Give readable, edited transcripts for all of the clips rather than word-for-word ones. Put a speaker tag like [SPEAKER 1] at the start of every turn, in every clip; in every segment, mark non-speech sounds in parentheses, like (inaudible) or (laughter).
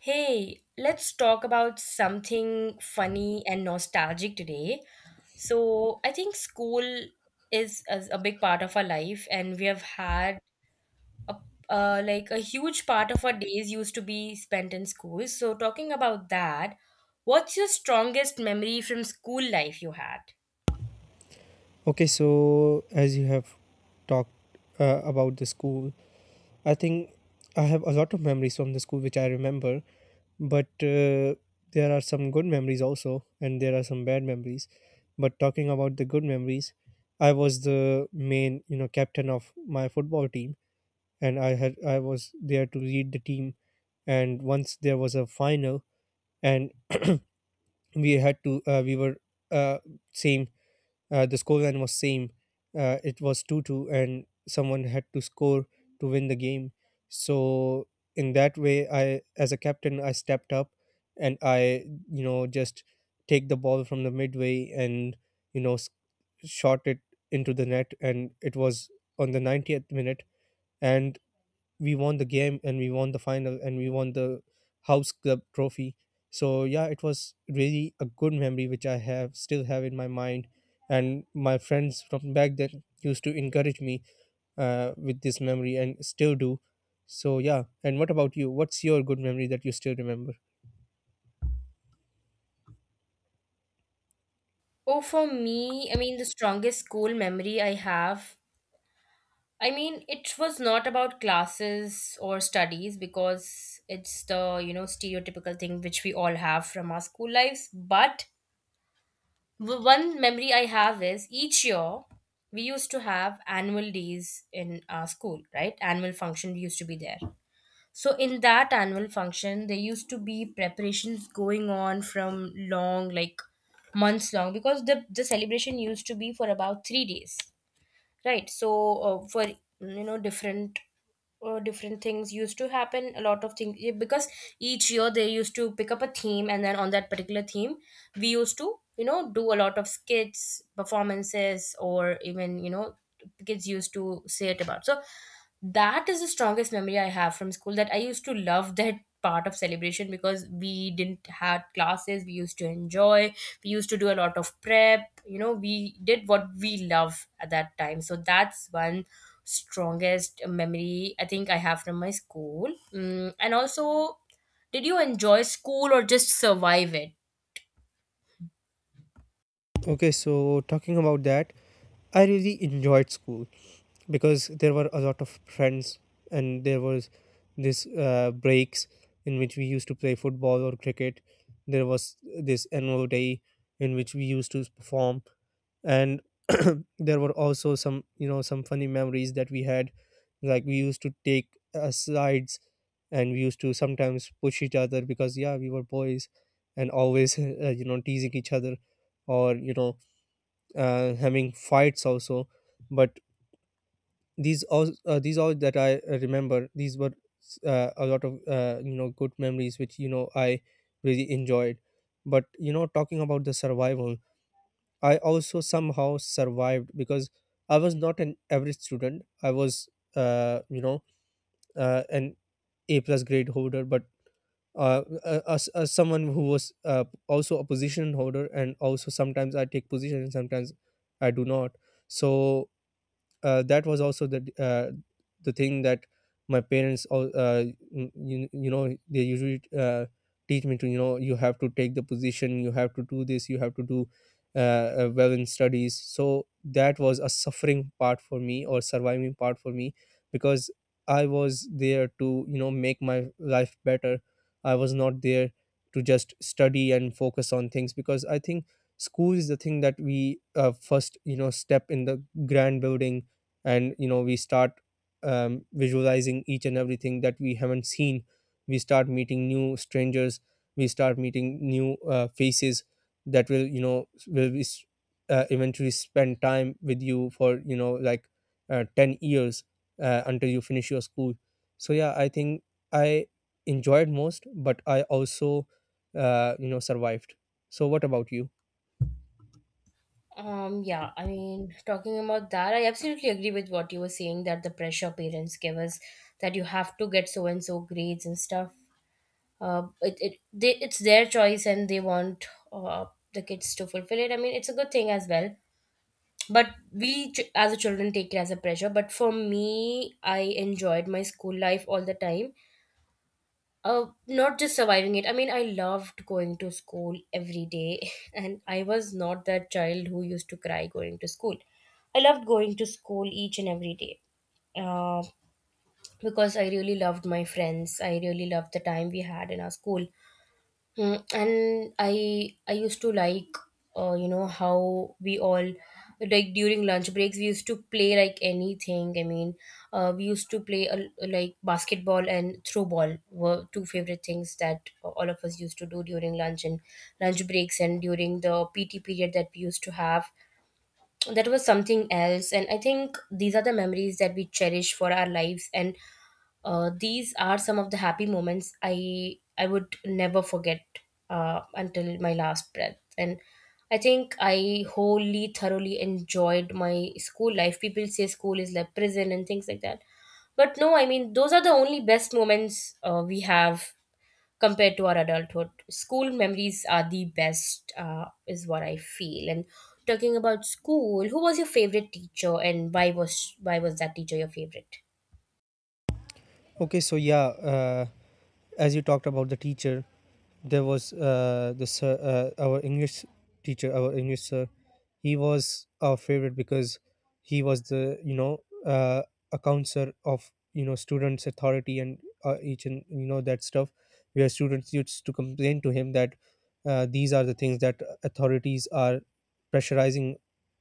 [SPEAKER 1] Hey, let's talk about something funny and nostalgic today. So, I think school is a big part of our life, and we have had a like a huge part of our days used to be spent in school. So, talking about that, what's your strongest memory from school life you had?
[SPEAKER 2] Okay, so as you have talked about the school, I think I have a lot of memories from the school which I remember, but there are some good memories also, and there are some bad memories. But talking about the good memories, I was the main, you know, captain of my football team, and I was there to lead the team. And once there was a final, and (clears throat) we had to we were uh, same the scoreline was same. It was 2-2, and someone had to score to win the game. So in that way, I as a captain, I stepped up, and I just take the ball from the midway, and you know s- shot it into the net, and it was on the 90th minute. And we won the game, and we won the final, and we won the house club trophy. So yeah, it was really a good memory which I have still have in my mind, and my friends from back then used to encourage me with this memory and still do. So yeah, and what about you? What's your good memory that you still remember?
[SPEAKER 1] Oh, for me, I mean, the strongest school memory I have, I mean, it was not about classes or studies because it's the, you know, stereotypical thing which we all have from our school lives. But one memory I have is each year we used to have annual days in our school, right? Annual function used to be there. So in that annual function, there used to be preparations going on from long, like months long, because the celebration used to be for about 3 days, right? So, for, you know, different different things used to happen, a lot of things, because each year they used to pick up a theme, and then on that particular theme we used to, you know, do a lot of skits, performances, or even, you know, kids used to say it about. So that is the strongest memory I have from school, that I used to love (laughs) that part of celebration because we didn't had classes, we used to enjoy, we used to do a lot of prep, you know, we did what we love at that time. So that's one strongest memory I think I have from my school. And also, did you enjoy school or just survive it?
[SPEAKER 2] Okay, so talking about that, I really enjoyed school because there were a lot of friends, and there was this breaks in which we used to play football or cricket. There was this annual day in which we used to perform. And (clears throat) there were also some you know some funny memories that we had. Like we used to take sides, and we used to sometimes push each other because yeah, we were boys, and always (laughs) teasing each other, or, you know, having fights also. But these all that I remember, these were a lot of good memories which, you know, I really enjoyed. But, you know, talking about the survival, I also somehow survived because I was not an average student. I was uh, you know an A plus grade holder. But as someone who was also a position holder, and also sometimes I take position and sometimes I do not. So that was also the the thing, that my parents you know they usually teach me to, you know, you have to take the position, you have to do this, you have to do well in studies. So that was a suffering part for me, or surviving part for me, because I was there to, you know, make my life better. I was not there to just study and focus on things because I think school is the thing that we first, you know, step in the grand building, and, you know, we start visualizing each and everything that we haven't seen. We start meeting new strangers, we start meeting new faces that will, you know, eventually spend time with you for, you know, like 10 years, until you finish your school. So yeah, I think I enjoyed most, but I also survived. So what about you?
[SPEAKER 1] Yeah, I mean, talking about that, I absolutely agree with what you were saying, that the pressure parents give us that you have to get so and so grades and stuff, it's their choice and they want uh, the kids to fulfill it. I mean, it's a good thing as well, but we as a children take it as a pressure. But for me, I enjoyed my school life all the time, not just surviving it. I mean, I loved going to school every day (laughs) and I was not that child who used to cry going to school. I loved going to school each and every day, uh, because I really loved my friends. I really loved the time we had in our school. Mm, and I used to like you know, how we all, like during lunch breaks, we used to play like anything. I mean, we used to play like basketball and throw ball were two favorite things that all of us used to do during lunch and lunch breaks, and during the PT period that we used to have, that was something else. And I think these are the memories that we cherish for our lives, and these are some of the happy moments I would never forget until my last breath. And I think I wholly, thoroughly enjoyed my school life. People say school is like prison and things like that, but no, I mean, those are the only best moments we have compared to our adulthood. School memories are the best, is what I feel. And talking about school, who was your favorite teacher, and why was that teacher your favorite?
[SPEAKER 2] Okay, so yeah, uh, as you talked about the teacher, there was the sir, our English teacher, our English sir. He was our favorite because he was the, you know, uh, account sir of, you know, students' authority, and each and, you know, that stuff. Where students used to complain to him that these are the things that authorities are pressurizing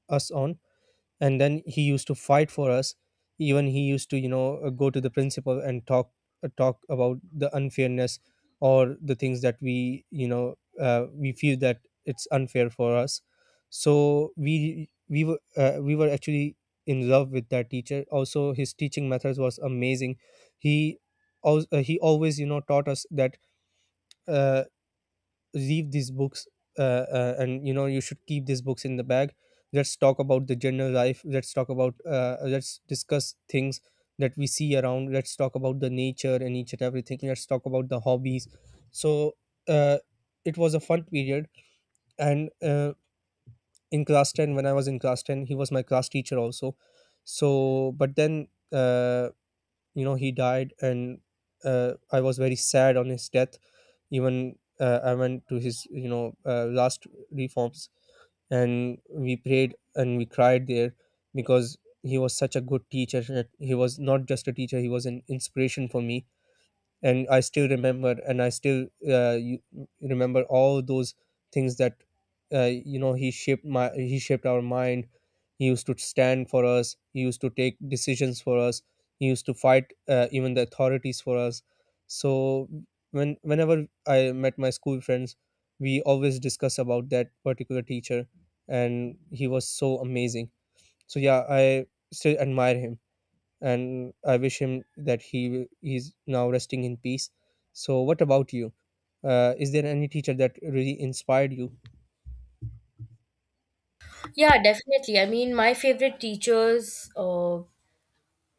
[SPEAKER 2] us on, and then he used to fight for us. Even he used to, you know, go to the principal and talk, talk about the unfairness, or the things that we, you know, we feel that it's unfair for us. So we were actually in love with that teacher. Also, his teaching methods was amazing. He, also, he always, you know, taught us that, uh, leave these books, uh, and, you know, you should keep these books in the bag. Let's talk about the general life. Let's talk about, let's discuss things that we see around. Let's talk about the nature and each and everything. Let's talk about the hobbies. So uh, it was a fun period. And in class 10, when I was in class 10, he was my class teacher also. So but then uh, he died. And I was very sad on his death. Even I went to his, you know, last reforms, and we prayed and we cried there, because he was such a good teacher. He was not just a teacher, he was an inspiration for me. And I still remember, and I still, you remember all those things that you know, he shaped our mind. He used to stand for us, he used to take decisions for us, he used to fight even the authorities for us. So whenever I met my school friends, we always discuss about that particular teacher, and he was so amazing. So yeah, I still admire him, and I wish him that he's now resting in peace. So, what about you? Is there any teacher that really inspired you?
[SPEAKER 1] Yeah, definitely. I mean, my favorite teachers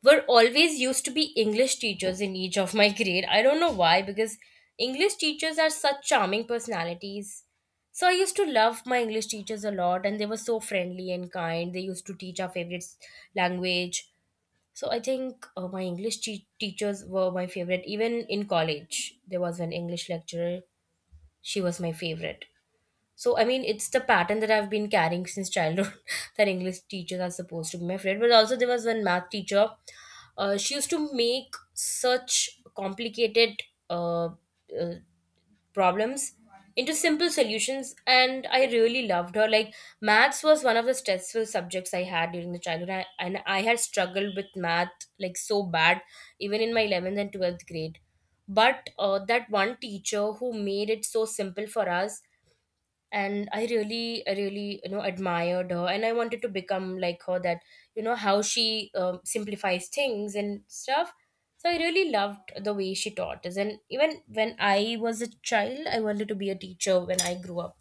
[SPEAKER 1] were always used to be English teachers in each of my (laughs) grade. I don't know why, because English teachers are such charming personalities. So I used to love my English teachers a lot, and they were so friendly and kind. They used to teach our favorite language. So I think my English teachers were my favorite. Even in college, there was an English lecturer. She was my favorite. So I mean, it's the pattern that I've been carrying since childhood (laughs) that English teachers are supposed to be my favorite. But also, there was one math teacher. She used to make such complicated uh, uh, problems into simple solutions, and I really loved her. Like maths was one of the stressful subjects I had during the childhood. And I had struggled with math like so bad, even in my 11th and 12th grade. But that one teacher who made it so simple for us, and I really, you know, admired her and I wanted to become like her, that, you know, how she simplifies things and stuff. So I really loved the way she taught us, and even when I was a child, I wanted to be a teacher when I grew up.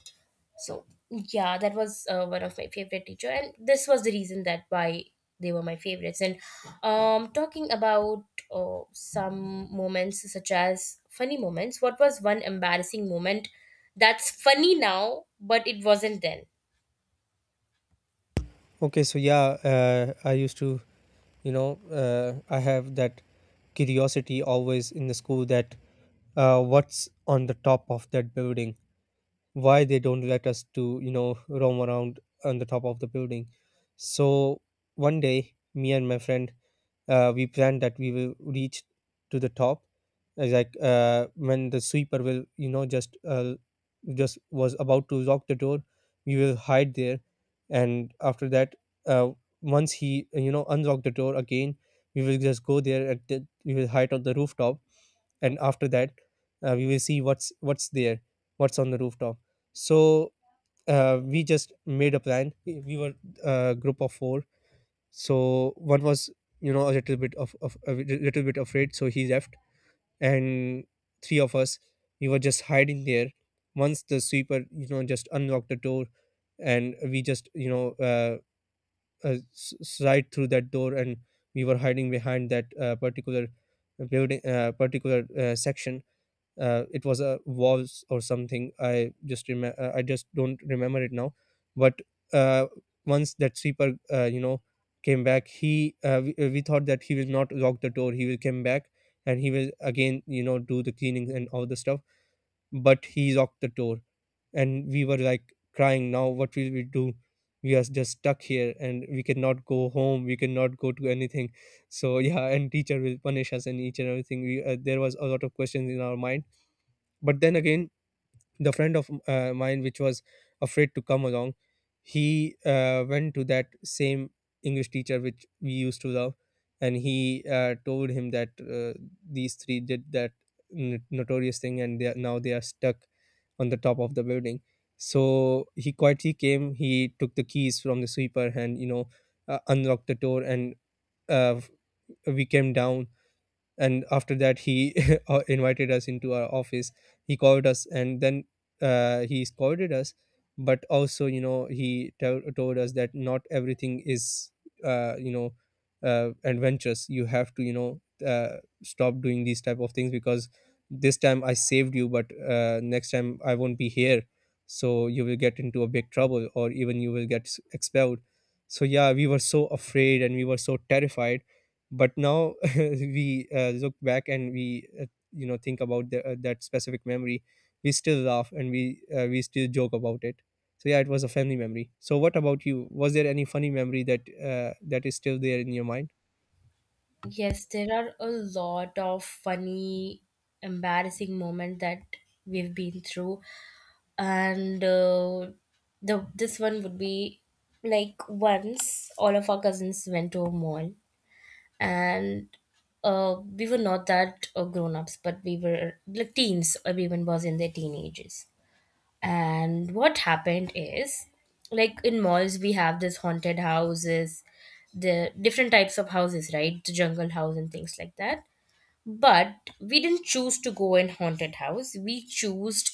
[SPEAKER 1] So yeah, that was one of my favorite teacher, and this was the reason that why they were my favorites. And talking about some moments such as funny moments, what was one embarrassing moment that's funny now, but it wasn't then?
[SPEAKER 2] Okay, so yeah, I used to, you know, I have that curiosity always in the school, that what's on the top of that building, why they don't let us to, you know, roam around on the top of the building. So one day, me and my friend, we planned that we will reach to the top, like, when the sweeper will, you know, just, just was about to lock the door, we will hide there. And after that, uh, once he, you know, unlock the door again, we will just go there, and then we will hide on the rooftop. And after that, we will see what's there, what's on the rooftop. So we just made a plan. We were a group of four. So one was, you know, a little bit of a little bit afraid, so he left. And three of us, we were just hiding there. Once the sweeper, you know, just unlocked the door, and we just, you know, uh, slide through that door. And we were hiding behind that particular building, particular section. It was a waltz or something, I just don't remember it now. But uh, once that sweeper, you know, came back, he we thought that he will not lock the door, he will come back, and he will again, you know, do the cleaning and all the stuff. But he locked the door, and we were like crying, now what will we do? We are just stuck here, and we cannot go home, we cannot go to anything. So yeah, and teacher will punish us and each and everything. There was a lot of questions in our mind. But then again, the friend of mine which was afraid to come along, he went to that same English teacher which we used to love, and he told him that these three did that notorious thing, and now they are stuck on the top of the building. So he quietly came, he took the keys from the sweeper, and, you know, unlocked the door, and uh, we came down. And after that, he (laughs) invited us into our office. He called us, and then he scolded us. But also, you know, he tell told us that not everything is uh, you know adventurous. You have to, you know, stop doing these type of things, because this time I saved you, but next time I won't be here. So you will get into a big trouble, or even you will get expelled. So yeah, we were so afraid and we were so terrified. But now (laughs) we, look back, and we, you know, think about that specific memory. We still laugh, and we still joke about it. So yeah, it was a family memory. So what about you? Was there any funny memory that that is still there in your mind?
[SPEAKER 1] Yes, there are a lot of funny, embarrassing moments that we've been through, and the this one would be like once all of our cousins went to a mall, and we were not that grown ups, but we were like teens. Everyone was in their teenagers. And what happened is, like in malls, we have this haunted houses, the different types of houses, right? The jungle house and things like that. But we didn't choose to go in haunted house. We chose.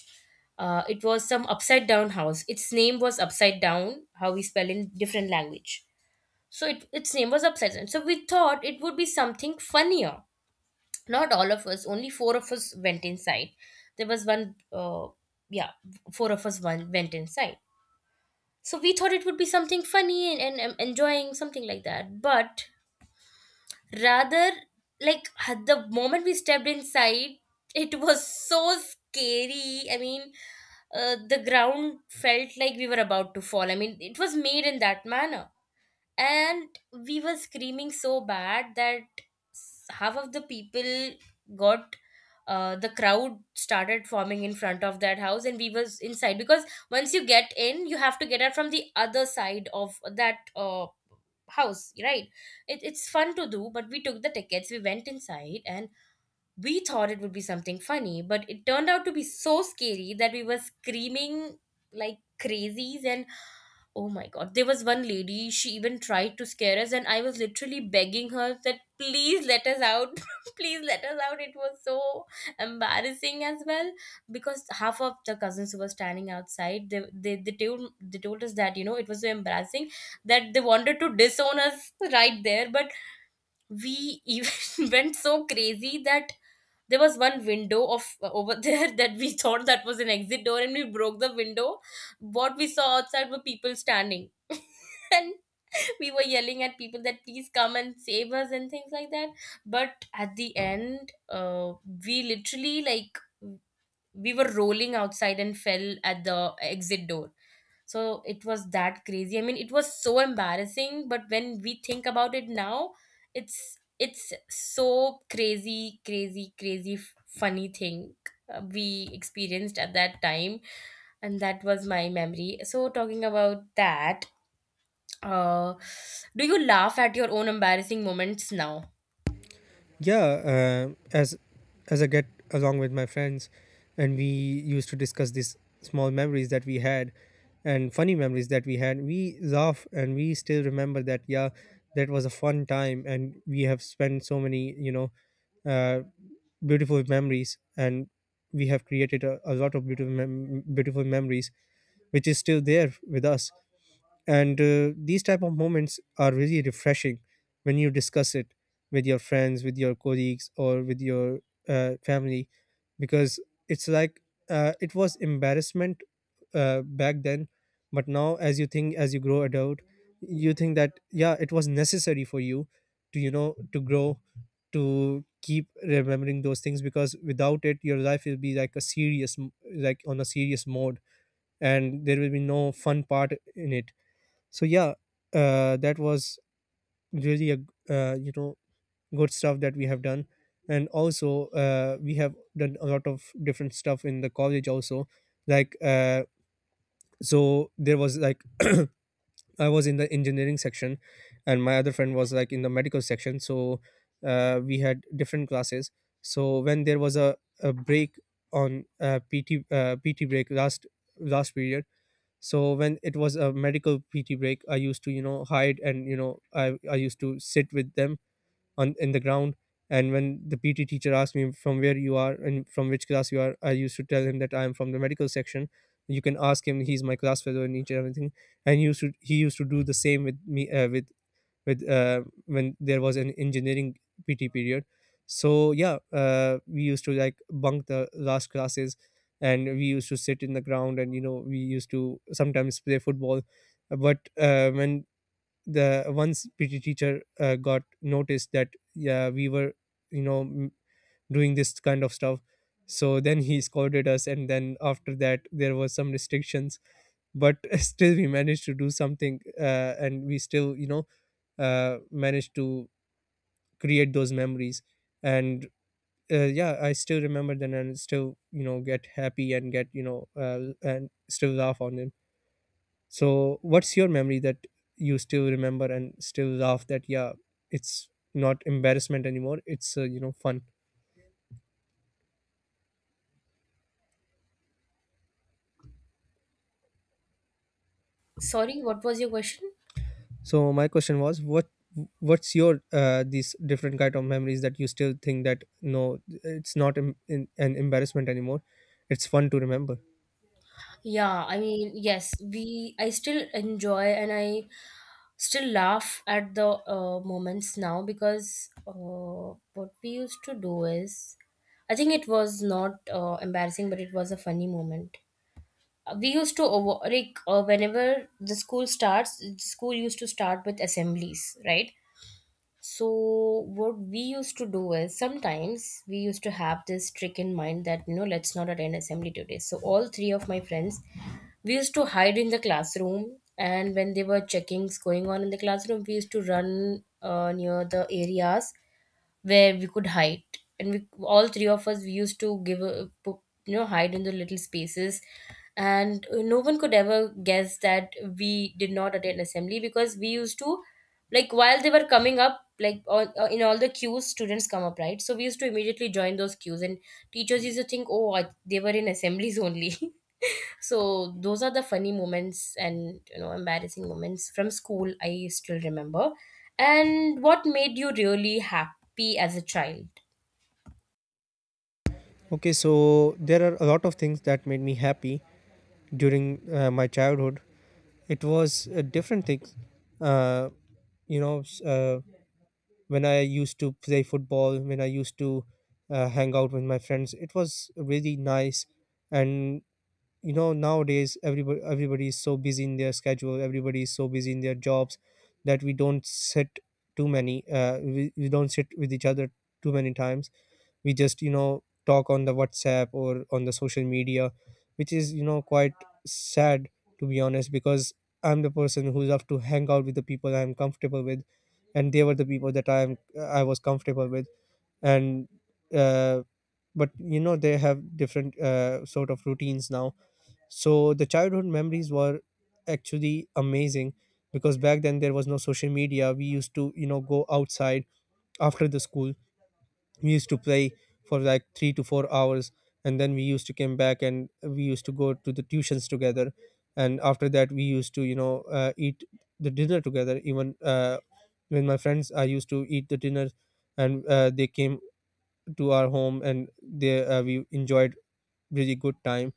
[SPEAKER 1] It was some upside down house. Its name was upside down, how we spell in different language. So its name was Upside Down. So we thought it would be something funnier. Not all of us, only four of us went inside. There was one, yeah, four of us, one went inside. So we thought it would be something funny and, enjoying something like that. But rather, like had the moment we stepped inside, it was so scary. I mean, the ground felt like we were about to fall. I mean, it was made in that manner, and we were screaming so bad that half of the people got, the crowd started forming in front of that house and we was inside. Because once you get in, you have to get out from the other side of that house, right? It's fun to do, but we took the tickets, we went inside, and we thought it would be something funny, but it turned out to be so scary that we were screaming like crazies. And oh my god, there was one lady, she even tried to scare us, and I was literally begging her that please let us out. (laughs) Please let us out. It was so embarrassing as well because half of the cousins who were standing outside, they told us that, you know, it was so embarrassing that they wanted to disown us right there. But we even (laughs) went so crazy that there was one window of over there (laughs) that we thought that was an exit door, and we broke the window. What we saw outside were people standing (laughs) and we were yelling at people that please come and save us and things like that. But at the end, we literally, like, we were rolling outside and fell at the exit door. So it was that crazy. I mean, it was so embarrassing, but when we think about it now, it's so crazy, crazy, crazy, funny thing we experienced at that time. And that was my memory. So talking about that, uh, do you laugh at your own embarrassing moments now?
[SPEAKER 2] Yeah, uh, as as I get along with my friends, and we used to discuss these small memories that we had, and funny memories that we had, we laugh, and we still remember that, yeah, that was a fun time. And we have spent so many, you know, uh, beautiful memories, and we have created a lot of beautiful beautiful memories, which is still there with us. And these type of Moments are really refreshing when you discuss it with your friends, with your colleagues, or with your family, because it's like it was embarrassment back then. But now, as you think, as you grow adult, you think that yeah, it was necessary for you to, to grow, to keep remembering those things, because without it your life will be like a serious like on a serious mode, and there will be no fun part in it. So yeah, that was really a, uh, you know good stuff that we have done. And also, we have done a lot of different stuff in the college also. like uh, so there was like, I was in the engineering section and my other friend was like in the medical section. So we had different classes. So when there was a break on PT, PT break, last period. So when it was a medical PT break, I used to, hide, and you know, I used to sit with them on, in the ground. And when the PT teacher asked me from where you are and from which class you are, I used to tell him that I am from the medical section, you can ask him, he's my class fellow and each and everything. And he used to do the same with me, with when there was an engineering PT period. So yeah, we used to like bunk the last classes, and we used to sit in the ground, and you know, we used to sometimes play football. But when the once PT teacher got noticed that yeah, we were, you know m- doing this kind of stuff, so then he scolded us, and then after that there was some restrictions. But (laughs) still we managed to do something, and we still, managed to create those memories. And yeah, I still remember them and still, you know, get happy and get, and still laugh on them. So what's your memory that you still remember and still laugh, that yeah, it's not embarrassment anymore, it's, fun?
[SPEAKER 1] Sorry, what was your question?
[SPEAKER 2] So my question was, what, what's your these different kind of memories that you still think that no, it's not an embarrassment anymore, it's fun to remember.
[SPEAKER 1] Yeah, I mean, yes, we I still enjoy and I still laugh at the moments now, because what we used to do is, I think it was not embarrassing, but it was a funny moment. We used to over, like, whenever the school starts, the school used to start with assemblies, right? So, what we used to do is sometimes we used to have this trick in mind that, you know, let's not attend assembly today. So, all three of my friends, we used to hide in the classroom. And when they were checkings going on in the classroom, we used to run near the areas where we could hide, and we all three of us, we used to give a, you know, hide in the little spaces, and no one could ever guess that we did not attend assembly, because we used to, like, while they were coming up, like in all the queues, students come up, right? So we used to immediately join those queues, and teachers used to think, oh, they were in assemblies only. (laughs) So those are the funny moments and, you know, embarrassing moments from school I still remember. And what made you really happy as a child?
[SPEAKER 2] Okay, so there are a lot of things that made me happy during my childhood. It was different things. Uh, you know, s- uh, when I used to play football, when I used to hang out with my friends, it was really nice. And you know, nowadays everybody is so busy in their schedule. Everybody is so busy in their jobs, that we don't sit too many. We don't sit with each other too many times. We just, you know, talk on the WhatsApp or on the social media, which is, you know, quite sad, to be honest, because I'm the person who love to hang out with the people I'm comfortable with, and they were the people that I was comfortable with. And uh, but you know, they have different sort of routines now. So the childhood memories were actually amazing, because back then there was no social media. We used to, you know, go outside after the school, we used to play for like 3 to 4 hours, and then we used to come back, and we used to go to the tuitions together. And after that, we used to, eat the dinner together. Even when my friends, I used to eat the dinner, and they came to our home, and they, we enjoyed really good time.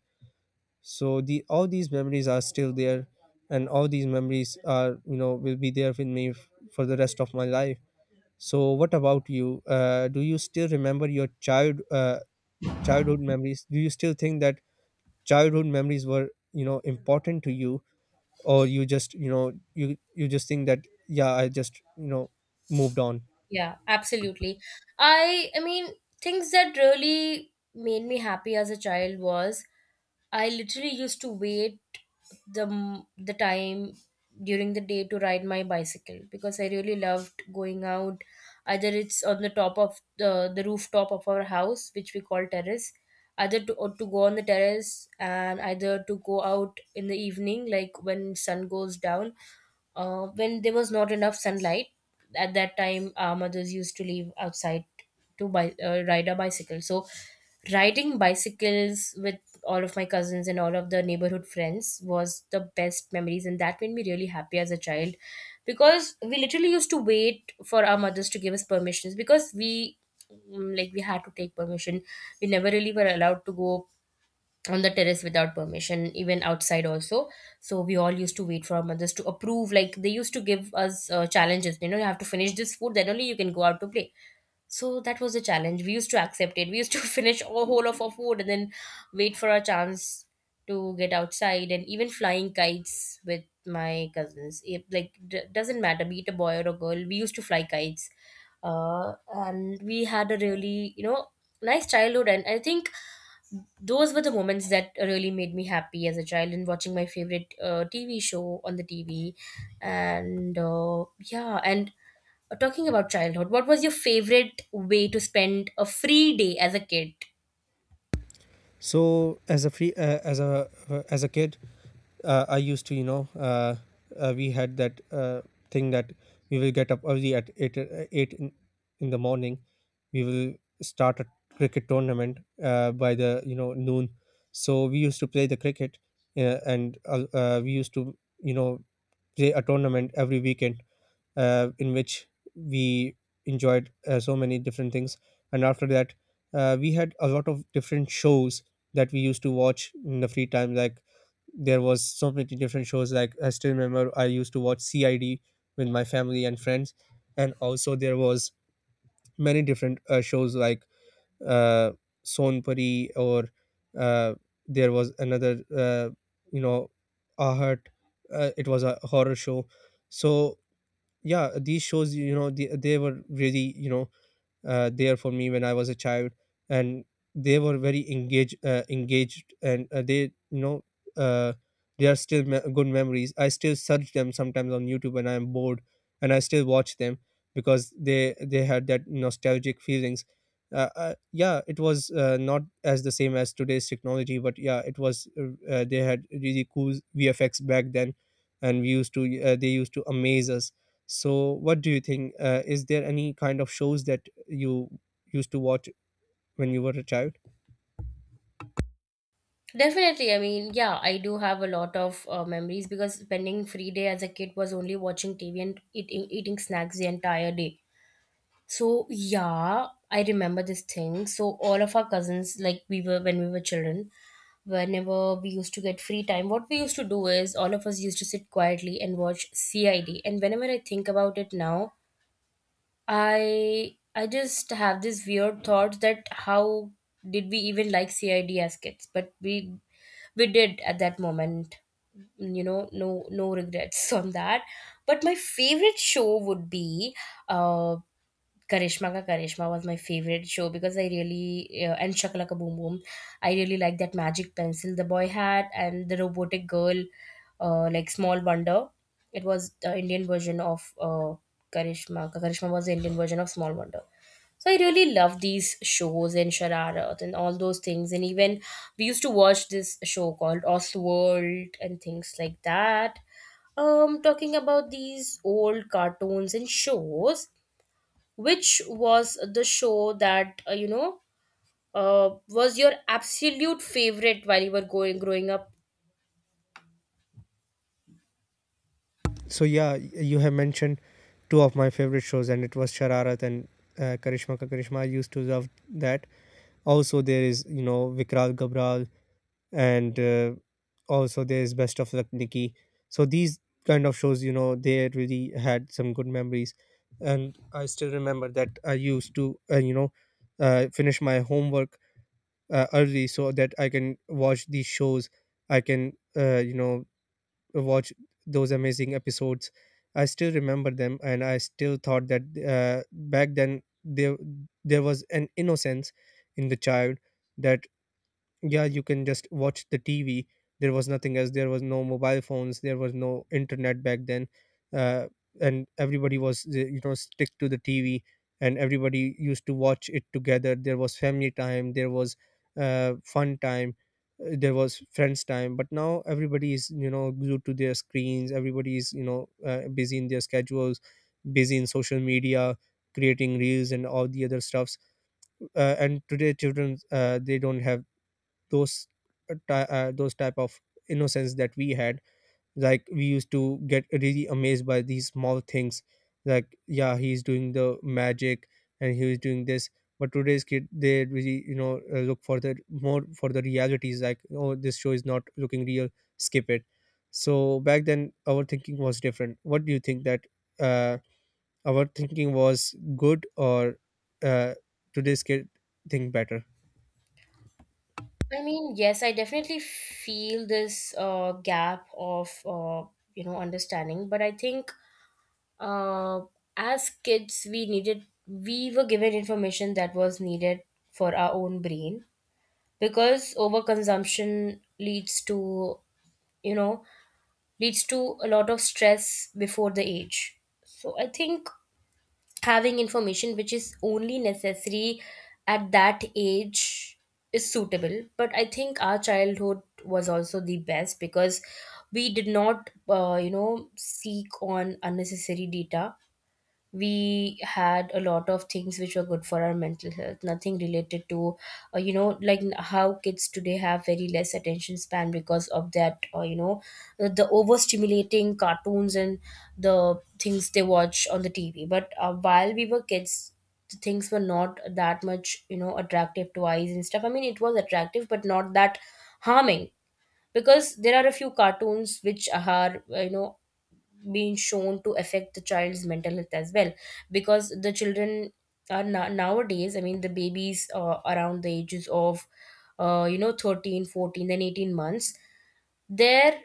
[SPEAKER 2] So the all these memories are still there, and all these memories are, you know, will be there with me for the rest of my life. So what about you? Do you still remember your childhood memories? Do you still think that childhood memories were, you know, important to you, or you just, you know, you just think that yeah, I just, you know, moved on?
[SPEAKER 1] Yeah, absolutely. I mean things that really made me happy as a child was I literally used to wait the time during the day to ride my bicycle because I really loved going out. Either it's on the top of the rooftop of our house, which we call terrace, either to or to go on the terrace and either to go out in the evening, like when sun goes down, when there was not enough sunlight at that time our mothers used to leave outside to ride a bicycle. So riding bicycles with all of my cousins and all of the neighborhood friends was the best memories, and that made me really happy as a child, because we literally used to wait for our mothers to give us permissions. Because like we had to take permission, we never really were allowed to go on the terrace without permission, even outside also. So we all used to wait for our mothers to approve, like they used to give us challenges, you know, you have to finish this food then only you can go out to play. So that was the challenge, we used to accept it, we used to (laughs) finish all whole of our food and then wait for our chance to get outside. And even flying kites with my cousins, doesn't matter be it a boy or a girl, we used to fly kites. Uh, and we had a really, you know, nice childhood, and I think those were the moments that really made me happy as a child, and watching my favorite TV show on the TV. and uh, yeah and talking about childhood, what was your favorite way to spend a free day as a kid?
[SPEAKER 2] So as a free as a kid, I used to, we had that thing that we will get up early at eight, eight in the morning. We will start a cricket tournament by the, you know, noon. So we used to play the cricket, and we used to, you know, play a tournament every weekend, in which we enjoyed, so many different things. And after that, we had a lot of different shows that we used to watch in the free time. Like there was so many different shows. Like I still remember, I used to watch CID with my family and friends. And also there was many different shows, like uh, Sonpuri, or uh, there was another, you know Ahat. It was a horror show. So yeah, these shows, you know, they were really, you know, there for me when I was a child. And they were very engaged, engaged, and they, you know, uh, they are still good memories. I still search them sometimes on YouTube when I am bored, and I still watch them, because they had that nostalgic feelings. Yeah, it was not as the same as today's technology, but yeah, it was. They had really cool VFX back then, and we used to. They used to amaze us. So, what do you think? Is there any kind of shows that you used to watch when you were a child?
[SPEAKER 1] Definitely. I mean, yeah, I do have a lot of memories because spending free day as a kid was only watching TV and eating snacks the entire day. So yeah, I remember this thing. So all of our cousins, like we were when we were children, whenever we used to get free time, what we used to do is all of us used to sit quietly and watch CID. And whenever I think about it now, I just have this weird thought that how did we even like CID as kids? But we did at that moment. Mm, you know, no regrets (laughs) on that. But my favorite show would be uh Karishma Ka Karishma was my favorite show because I really and Shakalaka Boom Boom, I really liked that magic pencil the boy had, and the robotic girl, like Small Wonder. It was the Indian version of Karishma. Ka Karishma was the Indian version of Small Wonder. So I really loved these shows and Shararat and all those things. And even we used to watch this show called Oswald and things like that. Talking about these old cartoons and shows, which was the show that was your absolute favorite while you were going growing up?
[SPEAKER 2] So yeah, you have mentioned two of my favorite shows, and it was Shararat and Karishma Ka Karishma. I used to love that. Also, there is, you know, Vikral Gabral, and also there is Best of Luck Nikki. So these kind of shows, you know, they really had some good memories, and I still remember that I used to, finish my homework early, so that I can watch these shows. I can, watch those amazing episodes. I still remember them, and I still thought that back then there was an innocence in the child, that yeah, you can just watch the TV. There was nothing else, there was no mobile phones, there was no internet back then. uh, and everybody was, stick to the TV, and everybody used to watch it together. There was family time, there was fun time, there was friends time. But now everybody is, you know, glued to their screens, everybody is, busy in their schedules, busy in social media, creating reels and all the other stuffs. And today children, they don't have those, those type of innocence that we had. Like we used to get really amazed by these small things, like yeah, he's doing the magic, and he was doing this. But today's kid, they really, you know, look for the more for the realities, like oh, this show is not looking real, skip it. So back then our thinking was different. What do you think, that uh, our thinking was good, or uh, today's kid think better?
[SPEAKER 1] I mean, yes, I definitely feel this gap of you know, understanding. But I think uh, as kids we needed, we were given information that was needed for our own brain, because overconsumption leads to, you know, leads to a lot of stress before the age. So I think having information which is only necessary at that age is suitable. But I think our childhood was also the best, because we did not you know, seek on unnecessary data. We had a lot of things which were good for our mental health, nothing related to you know, like how kids today have very less attention span because of that, you know, the overstimulating cartoons and the things they watch on the TV. But while we were kids, the things were not that much, you know, attractive to eyes and stuff. I mean, it was attractive, but not that harming, because there are a few cartoons which are, you know, been shown to affect the child's mental health as well. Because the children are nowadays, I mean the babies around the ages of you know, 13, 14, 14 and 18 months, their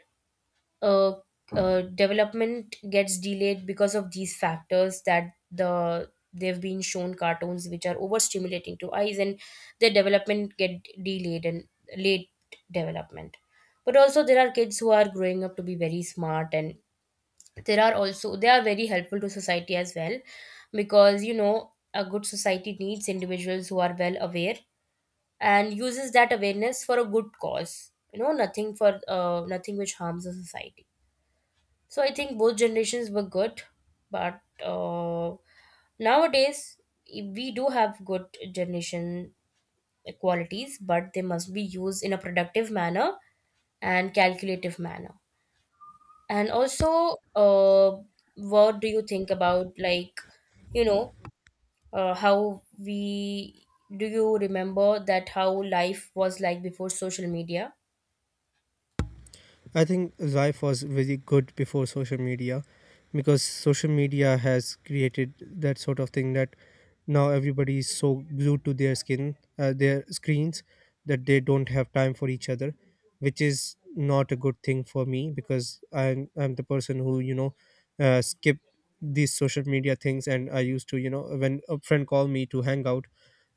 [SPEAKER 1] uh, development gets delayed because of these factors, that they've been shown cartoons which are overstimulating to eyes, and their development get delayed and late development. But also there are kids who are growing up to be very smart, and there are also, they are very helpful to society as well, because you know, a good society needs individuals who are well aware and uses that awareness for a good cause, you know, nothing for nothing which harms the society. So I think both generations were good, but nowadays we do have good generation qualities, but they must be used in a productive manner and calculative manner. And also, what do you think about, like, you know, how we do you remember that how life was like before social media?
[SPEAKER 2] I think life was very good before social media, because social media has created that sort of thing, that now everybody is so glued to their skin, their screens, that they don't have time for each other, which is not a good thing for me, because I'm the person who, you know, skip these social media things. And I used to, you know, when a friend called me to hang out,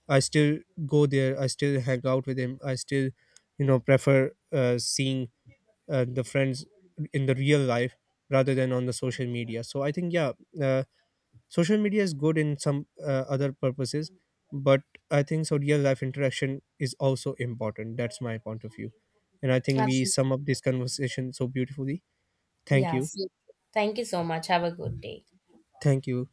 [SPEAKER 2] I still go there, I still hang out with him, I still, you know, prefer, seeing the friends in the real life, rather than on the social media. So I think yeah, uh, social media is good in some other purposes, but I think so, real life interaction is also important. That's my point of view, and I think we
[SPEAKER 1] Absolutely.
[SPEAKER 2] sum up this conversation so beautifully. Thank you.
[SPEAKER 1] Yes. Thank you so much. Have a good day.
[SPEAKER 2] Thank you.